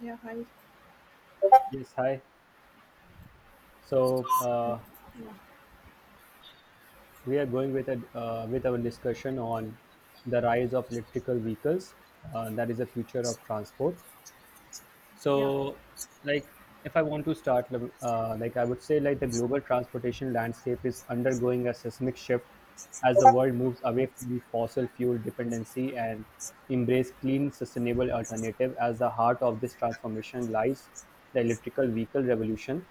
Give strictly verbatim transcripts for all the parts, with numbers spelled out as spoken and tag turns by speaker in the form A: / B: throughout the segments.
A: Yeah, hi.
B: Yes, hi. So
A: Um,
B: uh,
A: Yeah,
B: we are going with a uh, with our discussion on the rise of electrical vehicles. Uh, that is the future of transport.
A: yeah.
B: So, like, if I want to start, uh, like, I would say, like, the global transportation landscape is undergoing a seismic shift as the world moves away from fossil fuel dependency and embrace clean, sustainable alternative. As the heart of this transformation lies the electrical vehicle revolution.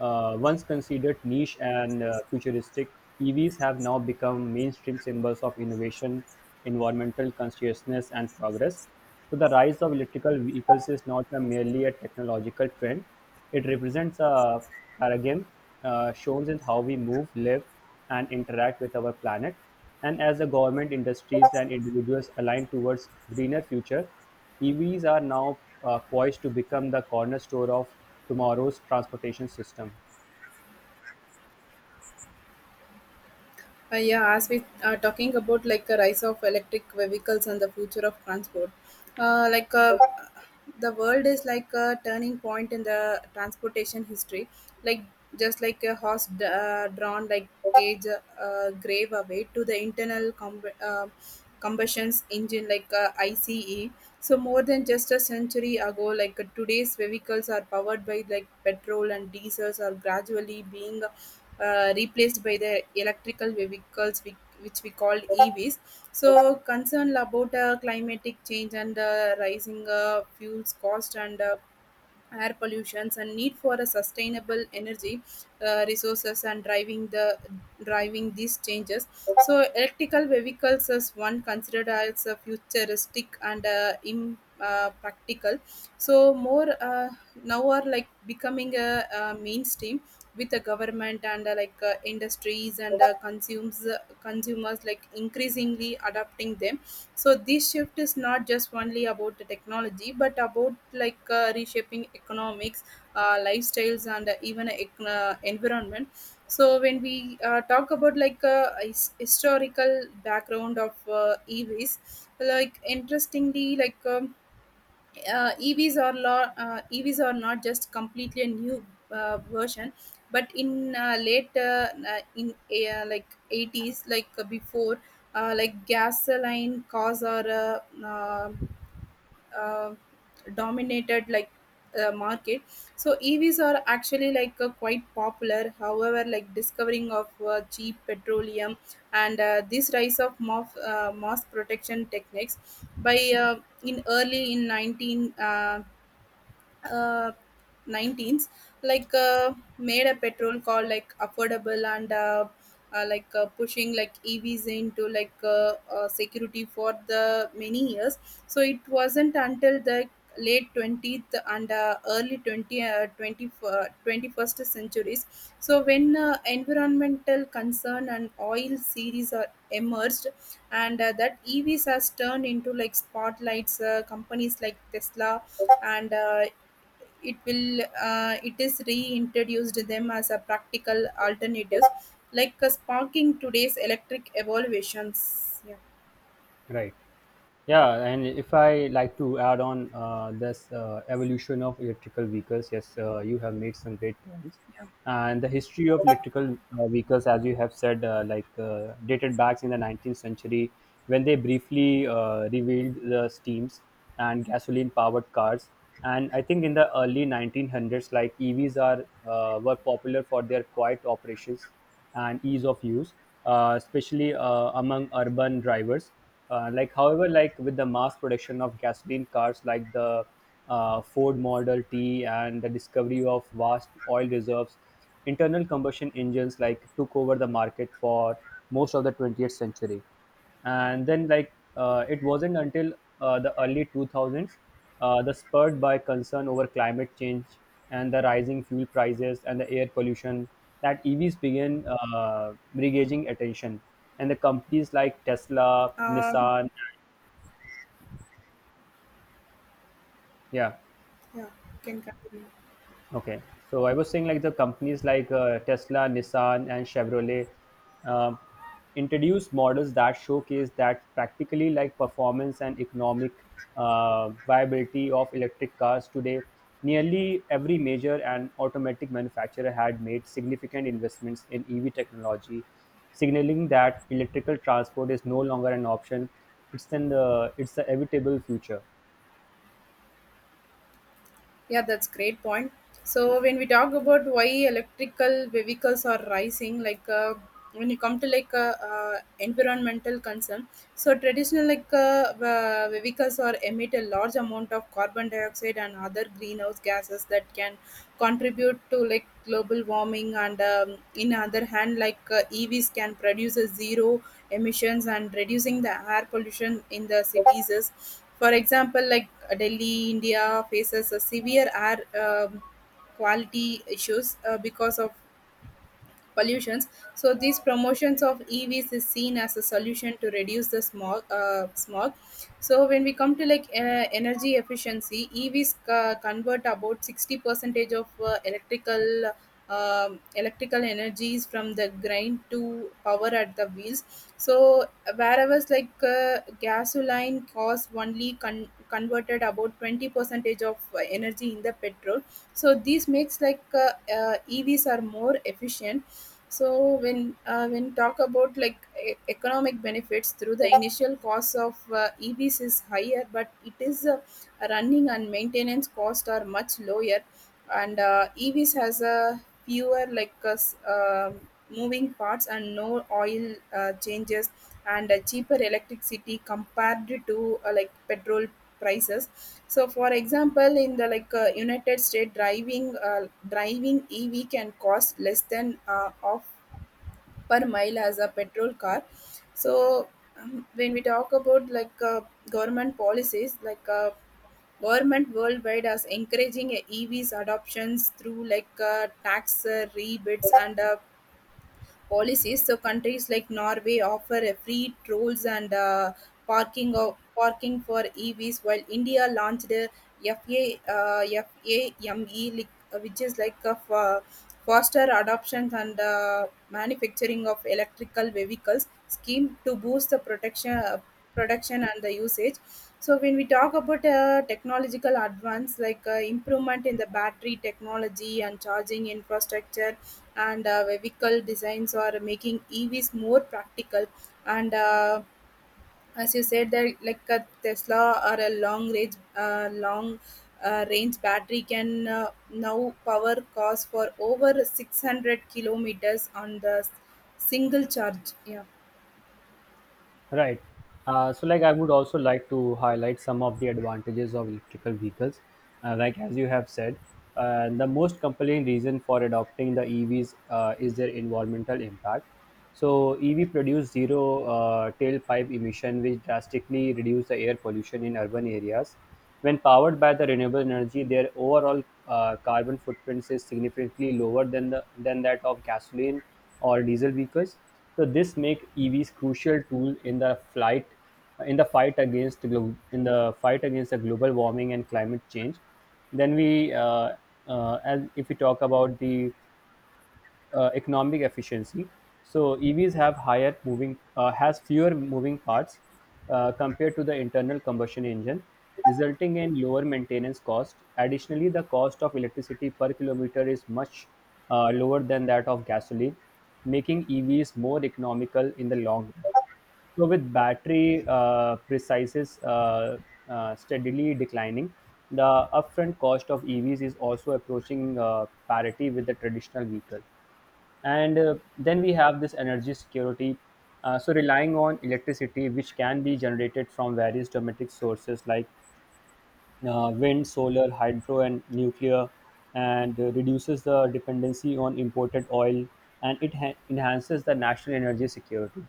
B: Uh, once considered niche and uh, futuristic, E Vs have now become mainstream symbols of innovation, environmental consciousness, and progress. So the rise of electrical vehicles is not a merely a technological trend; it represents a paradigm uh, shown in how we move, live, and interact with our planet. And as the government, industries, and individuals align towards greener future, E Vs are now uh, poised to become the cornerstone of tomorrow's transportation system.
A: Uh, yeah. As we are talking about like the rise of electric vehicles and the future of transport, uh, like uh, the world is like a turning point in the transportation history. Like just like a horse d- uh, drawn like gauge uh, grave away to the internal com- uh, combustion engine like a I C E. So more than just a century ago, like uh, today's vehicles are powered by like petrol and diesels are gradually being uh, replaced by the electrical vehicles we, which we call E Vs. So concern about uh, climatic change and uh, rising uh, fuels cost and uh, air pollutions and need for a sustainable energy uh, resources and driving the driving these changes. So electrical vehicles is one considered as a futuristic and uh, im- uh, practical, so more uh, now are like becoming a, a mainstream with the government and uh, like uh, industries and uh, consumes uh, consumers like increasingly adopting them. So this shift is not just only about the technology but about like uh, reshaping economics, uh, lifestyles and uh, even ec- uh, environment. So when we uh, talk about like uh, his- historical background of uh, evs, like interestingly like um, uh, E Vs are lo- uh, E Vs are not just completely a new uh, version, but in uh, late uh, uh, in uh, like eighties, like uh, before, uh, like gasoline cars are uh, uh, uh, dominated like uh, market. So evs are actually like uh, quite popular, however, like discovering of uh, cheap petroleum and uh, this rise of moth, uh, mass protection techniques by uh, in early in nineteen fifties uh, nineteens like uh, made a petrol called like affordable and uh, uh, like uh, pushing like evs into like uh, uh, security for the many years. So it wasn't until the late twentieth and uh, early twenty, uh, twenty, uh, twenty first centuries, so when uh, environmental concern and oil series are emerged and uh, that evs has turned into like spotlights. Uh, companies like Tesla and uh, it will uh, it is reintroduced them as a practical alternatives, like uh, sparking today's electric evaluations, yeah.
B: Right. Yeah, and if I like to add on uh, this uh, evolution of electrical vehicles, yes, uh, you have made some great points.
A: Yeah.
B: And the history of electrical uh, vehicles, as you have said, uh, like uh, dated back in the nineteenth century when they briefly uh, revealed the steams and gasoline powered cars. And I think in the early nineteen hundreds, like E Vs are uh, were popular for their quiet operations and ease of use, uh, especially uh, among urban drivers. Uh, like, however, like with the mass production of gasoline cars, like the uh, Ford Model T and the discovery of vast oil reserves, internal combustion engines like took over the market for most of the twentieth century, and then like uh, it wasn't until uh, the early two thousands, uh, the spurred by concern over climate change and the rising fuel prices and the air pollution, that evs began uh, regauging attention and the companies like tesla
A: um
B: nissan. Yeah.
A: yeah, you can continue.
B: Okay. So I was saying like the companies like uh, Tesla, Nissan, and Chevrolet uh, introduce models that showcase that practically like performance and economic uh, viability of electric cars today. Nearly every major and automatic manufacturer had made significant investments in E V technology, signaling that electrical transport is no longer an option. It's an uh, it's the inevitable future.
A: Yeah, that's great point. So when we talk about why electrical vehicles are rising, like uh, when you come to like uh, uh, environmental concern, so traditional like uh, uh, vehicles are emit a large amount of carbon dioxide and other greenhouse gases that can contribute to like global warming. And um, in other hand, like uh, E Vs can produce a zero emissions and reducing the air pollution in the cities is, for example, like uh, Delhi India faces a severe air um, quality issues uh, because of pollutions. So these promotions of E Vs is seen as a solution to reduce the smog. Uh, smog. So when we come to like uh, energy efficiency, E Vs uh, convert about sixty percentage of uh, electrical um, electrical energies from the grind to power at the wheels. So wherever like uh, gasoline cost only con- converted about twenty percentage of uh, energy in the petrol. So this makes like uh, uh, E Vs are more efficient. So when uh, when talk about like e- economic benefits, through the initial cost of uh, E Vs is higher, but it is uh, running and maintenance cost are much lower, and uh, E Vs has a fewer like uh, s- uh, moving parts and no oil uh, changes and uh, cheaper electricity compared to uh, like petrol prices. So for example, in the like uh, United States, driving uh, driving ev can cost less than uh, off per mile as a petrol car. So um, when we talk about like uh, government policies, like uh, government worldwide is encouraging uh, evs adoptions through like uh, tax uh, rebates and uh, policies. So countries like Norway offer a free tolls and uh, parking of parking for E Vs, while India launched a F A, uh, FAME, like, uh, which is like a fa- faster adoption and uh, manufacturing of electrical vehicles scheme to boost the protection, uh, production and the usage. So when we talk about uh, technological advance, like uh, improvement in the battery technology and charging infrastructure, and uh, vehicle designs are making E Vs more practical. And uh, as you said, that like a Tesla or a long range, uh, long uh, range battery can uh, now power cars for over six hundred kilometers on the s- single charge. Yeah.
B: Right. Uh, so, like, I would also like to highlight some of the advantages of electrical vehicles. Uh, like, as you have said, uh, the most compelling reason for adopting the E Vs uh, is their environmental impact. So, E V produce zero uh, tailpipe emission, which drastically reduce the air pollution in urban areas. When powered by the renewable energy, their overall uh, carbon footprint is significantly lower than the than that of gasoline or diesel vehicles. So this make E Vs crucial tool in the flight in the fight against glo- in the fight against the global warming and climate change. Then we uh, uh, as if we talk about the uh, economic efficiency. So E Vs have higher moving uh, has fewer moving parts uh, compared to the internal combustion engine, resulting in lower maintenance cost. Additionally, the cost of electricity per kilometer is much uh, lower than that of gasoline, making E Vs more economical in the long run. So with battery uh, prices uh, uh, steadily declining, the upfront cost of E Vs is also approaching uh, parity with the traditional vehicle. And uh, then we have this energy security, uh, so relying on electricity which can be generated from various domestic sources like uh, wind solar hydro and nuclear, and uh, reduces the dependency on imported oil, and it ha- enhances the national energy security.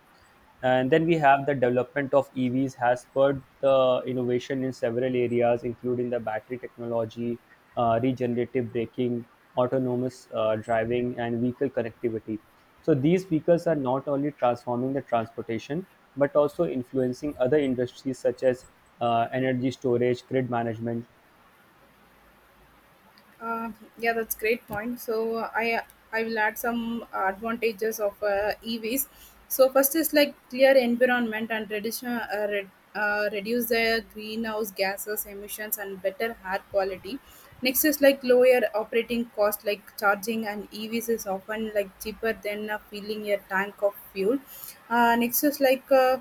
B: And then we have the development of evs has spurred the innovation in several areas including the battery technology uh, regenerative braking, autonomous uh, driving, and vehicle connectivity. So these vehicles are not only transforming the transportation but also influencing other industries such as uh, energy storage, grid management.
A: Uh, yeah, that's great point. So uh, I I will add some advantages of uh, E Vs. So first is like clear environment and traditional uh, re- uh, reduce the greenhouse gases emissions and better air quality. Next is like lower operating cost, like charging and E Vs is often like cheaper than uh, filling a tank of fuel. Uh, next is like uh,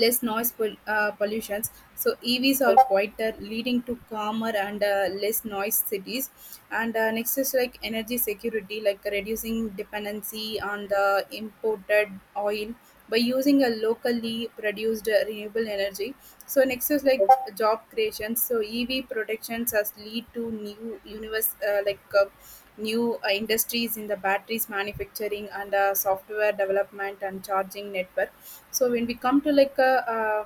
A: less noise pol- uh, pollutions. So E Vs are quieter, leading to calmer and uh, less noise cities. And uh, next is like energy security, like reducing dependency on the imported oil by using a locally produced uh, renewable energy. So next is like job creation. So E V protections has lead to new universe uh, like uh, new uh, industries in the batteries manufacturing and uh, software development and charging network. So when we come to like a uh,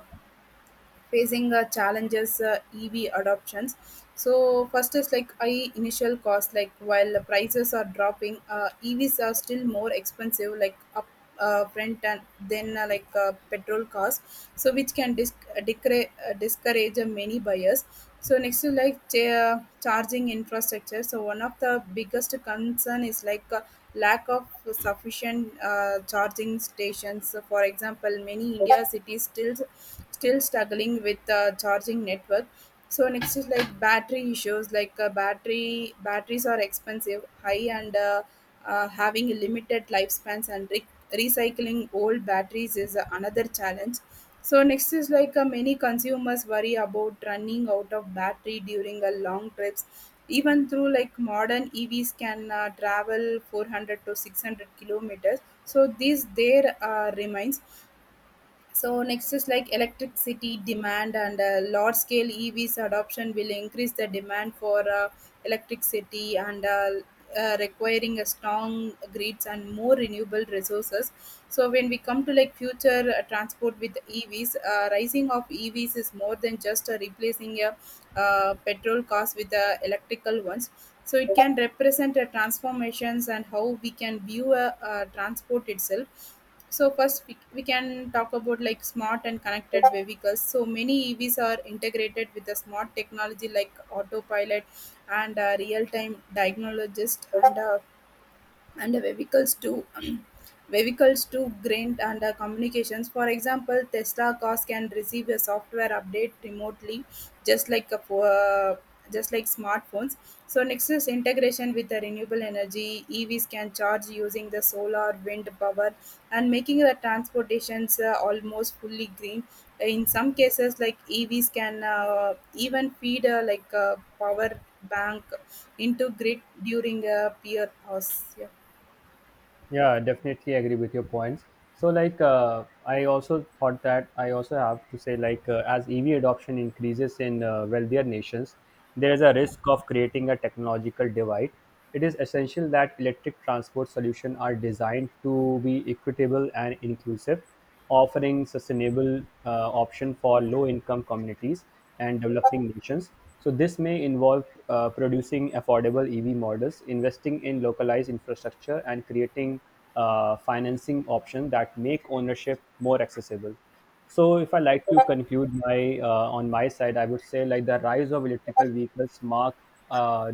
A: facing uh, challenges uh, ev adoptions. So first is like I initial cost. Like while the prices are dropping, uh, evs are still more expensive like up uh, front and then uh, like uh, petrol costs, so which can dis uh, decra- uh, discourage uh, many buyers. So next is like cha- charging infrastructure. So one of the biggest concern is like uh, lack of sufficient uh, charging stations. So for example, many india cities still still struggling with uh, charging network. So next is like battery issues, like uh, battery batteries are expensive high and uh, uh, having limited lifespans and re- recycling old batteries is uh, another challenge. So next is like uh, many consumers worry about running out of battery during a long trips, even through like modern evs can uh, travel four hundred to six hundred kilometers, so these there uh, remains. So next is like electricity demand, and uh, large scale E Vs adoption will increase the demand for uh, electricity and uh, uh, requiring a strong grids and more renewable resources. So when we come to like future uh, transport with E Vs, uh, rising of E Vs is more than just uh, replacing a uh, petrol cars with the electrical ones. So it can represent uh, transformations and how we can view a uh, transport itself. So first we, we can talk about like smart and connected vehicles. So many evs are integrated with the smart technology like autopilot and uh, real-time diagnologist and uh, and the vehicles to um, vehicles to grain and uh, communications. For example, Tesla cars can receive a software update remotely, just like a, pho- uh, just like smartphones. So next is integration with the renewable energy. E Vs can charge using the solar, wind power, and making the transportations uh, almost fully green. In some cases, like E Vs can uh, even feed uh, like a power bank into grid during a peer hours.
B: Yeah, I definitely agree with your points. So like uh, I also thought that I also have to say like uh, as E V adoption increases in uh, wealthier nations, there is a risk of creating a technological divide. It is essential that electric transport solutions are designed to be equitable and inclusive, offering sustainable uh, option for low income communities and developing nations. So this may involve uh, producing affordable E V models, investing in localized infrastructure, and creating uh, financing options that make ownership more accessible. So if I like to conclude my uh, on my side, I would say like the rise of electrical vehicles mark uh,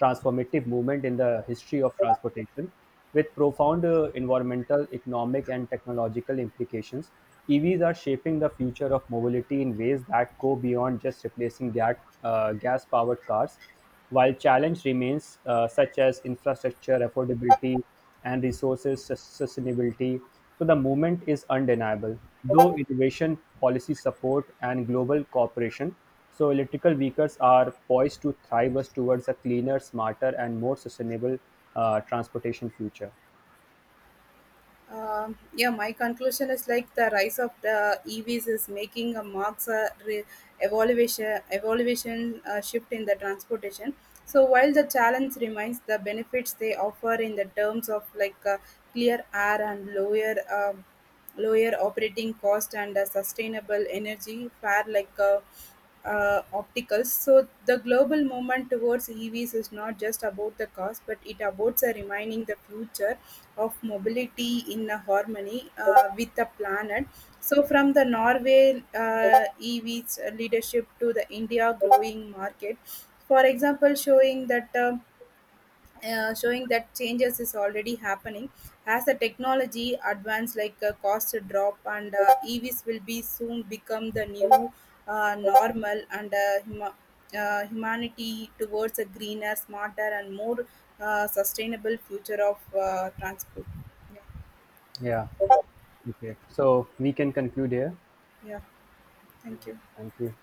B: transformative movement in the history of transportation with profound uh, environmental, economic, and technological implications. E Vs are shaping the future of mobility in ways that go beyond just replacing gas, uh, gas-powered cars. While challenge remains uh, such as infrastructure, affordability, and resources sus- sustainability, so the movement is undeniable. Though innovation, policy support, and global cooperation, so electrical vehicles are poised to thrive us towards a cleaner, smarter, and more sustainable uh, transportation future.
A: Um, yeah, my conclusion is like the rise of the E Vs is making a marks a re- evaluation evaluation uh, shift in the transportation. So while the challenge remains, the benefits they offer in the terms of like uh, clear air and lower um lower operating cost and a sustainable energy fare like uh, uh, opticals. So the global movement towards E Vs is not just about the cost, but it about uh, remaining the future of mobility in a harmony uh, with the planet. So from the Norway uh, E Vs leadership to the India growing market, for example, showing that. Uh, uh, showing that changes is already happening as the technology advance, like uh, cost drop and uh, evs will be soon become the new uh, normal and uh, huma- uh, humanity towards a greener smarter and more uh, sustainable future of uh, transport,
B: Yeah.
A: yeah.
B: Okay, so we can conclude here.
A: Yeah, thank you.
B: Thank you.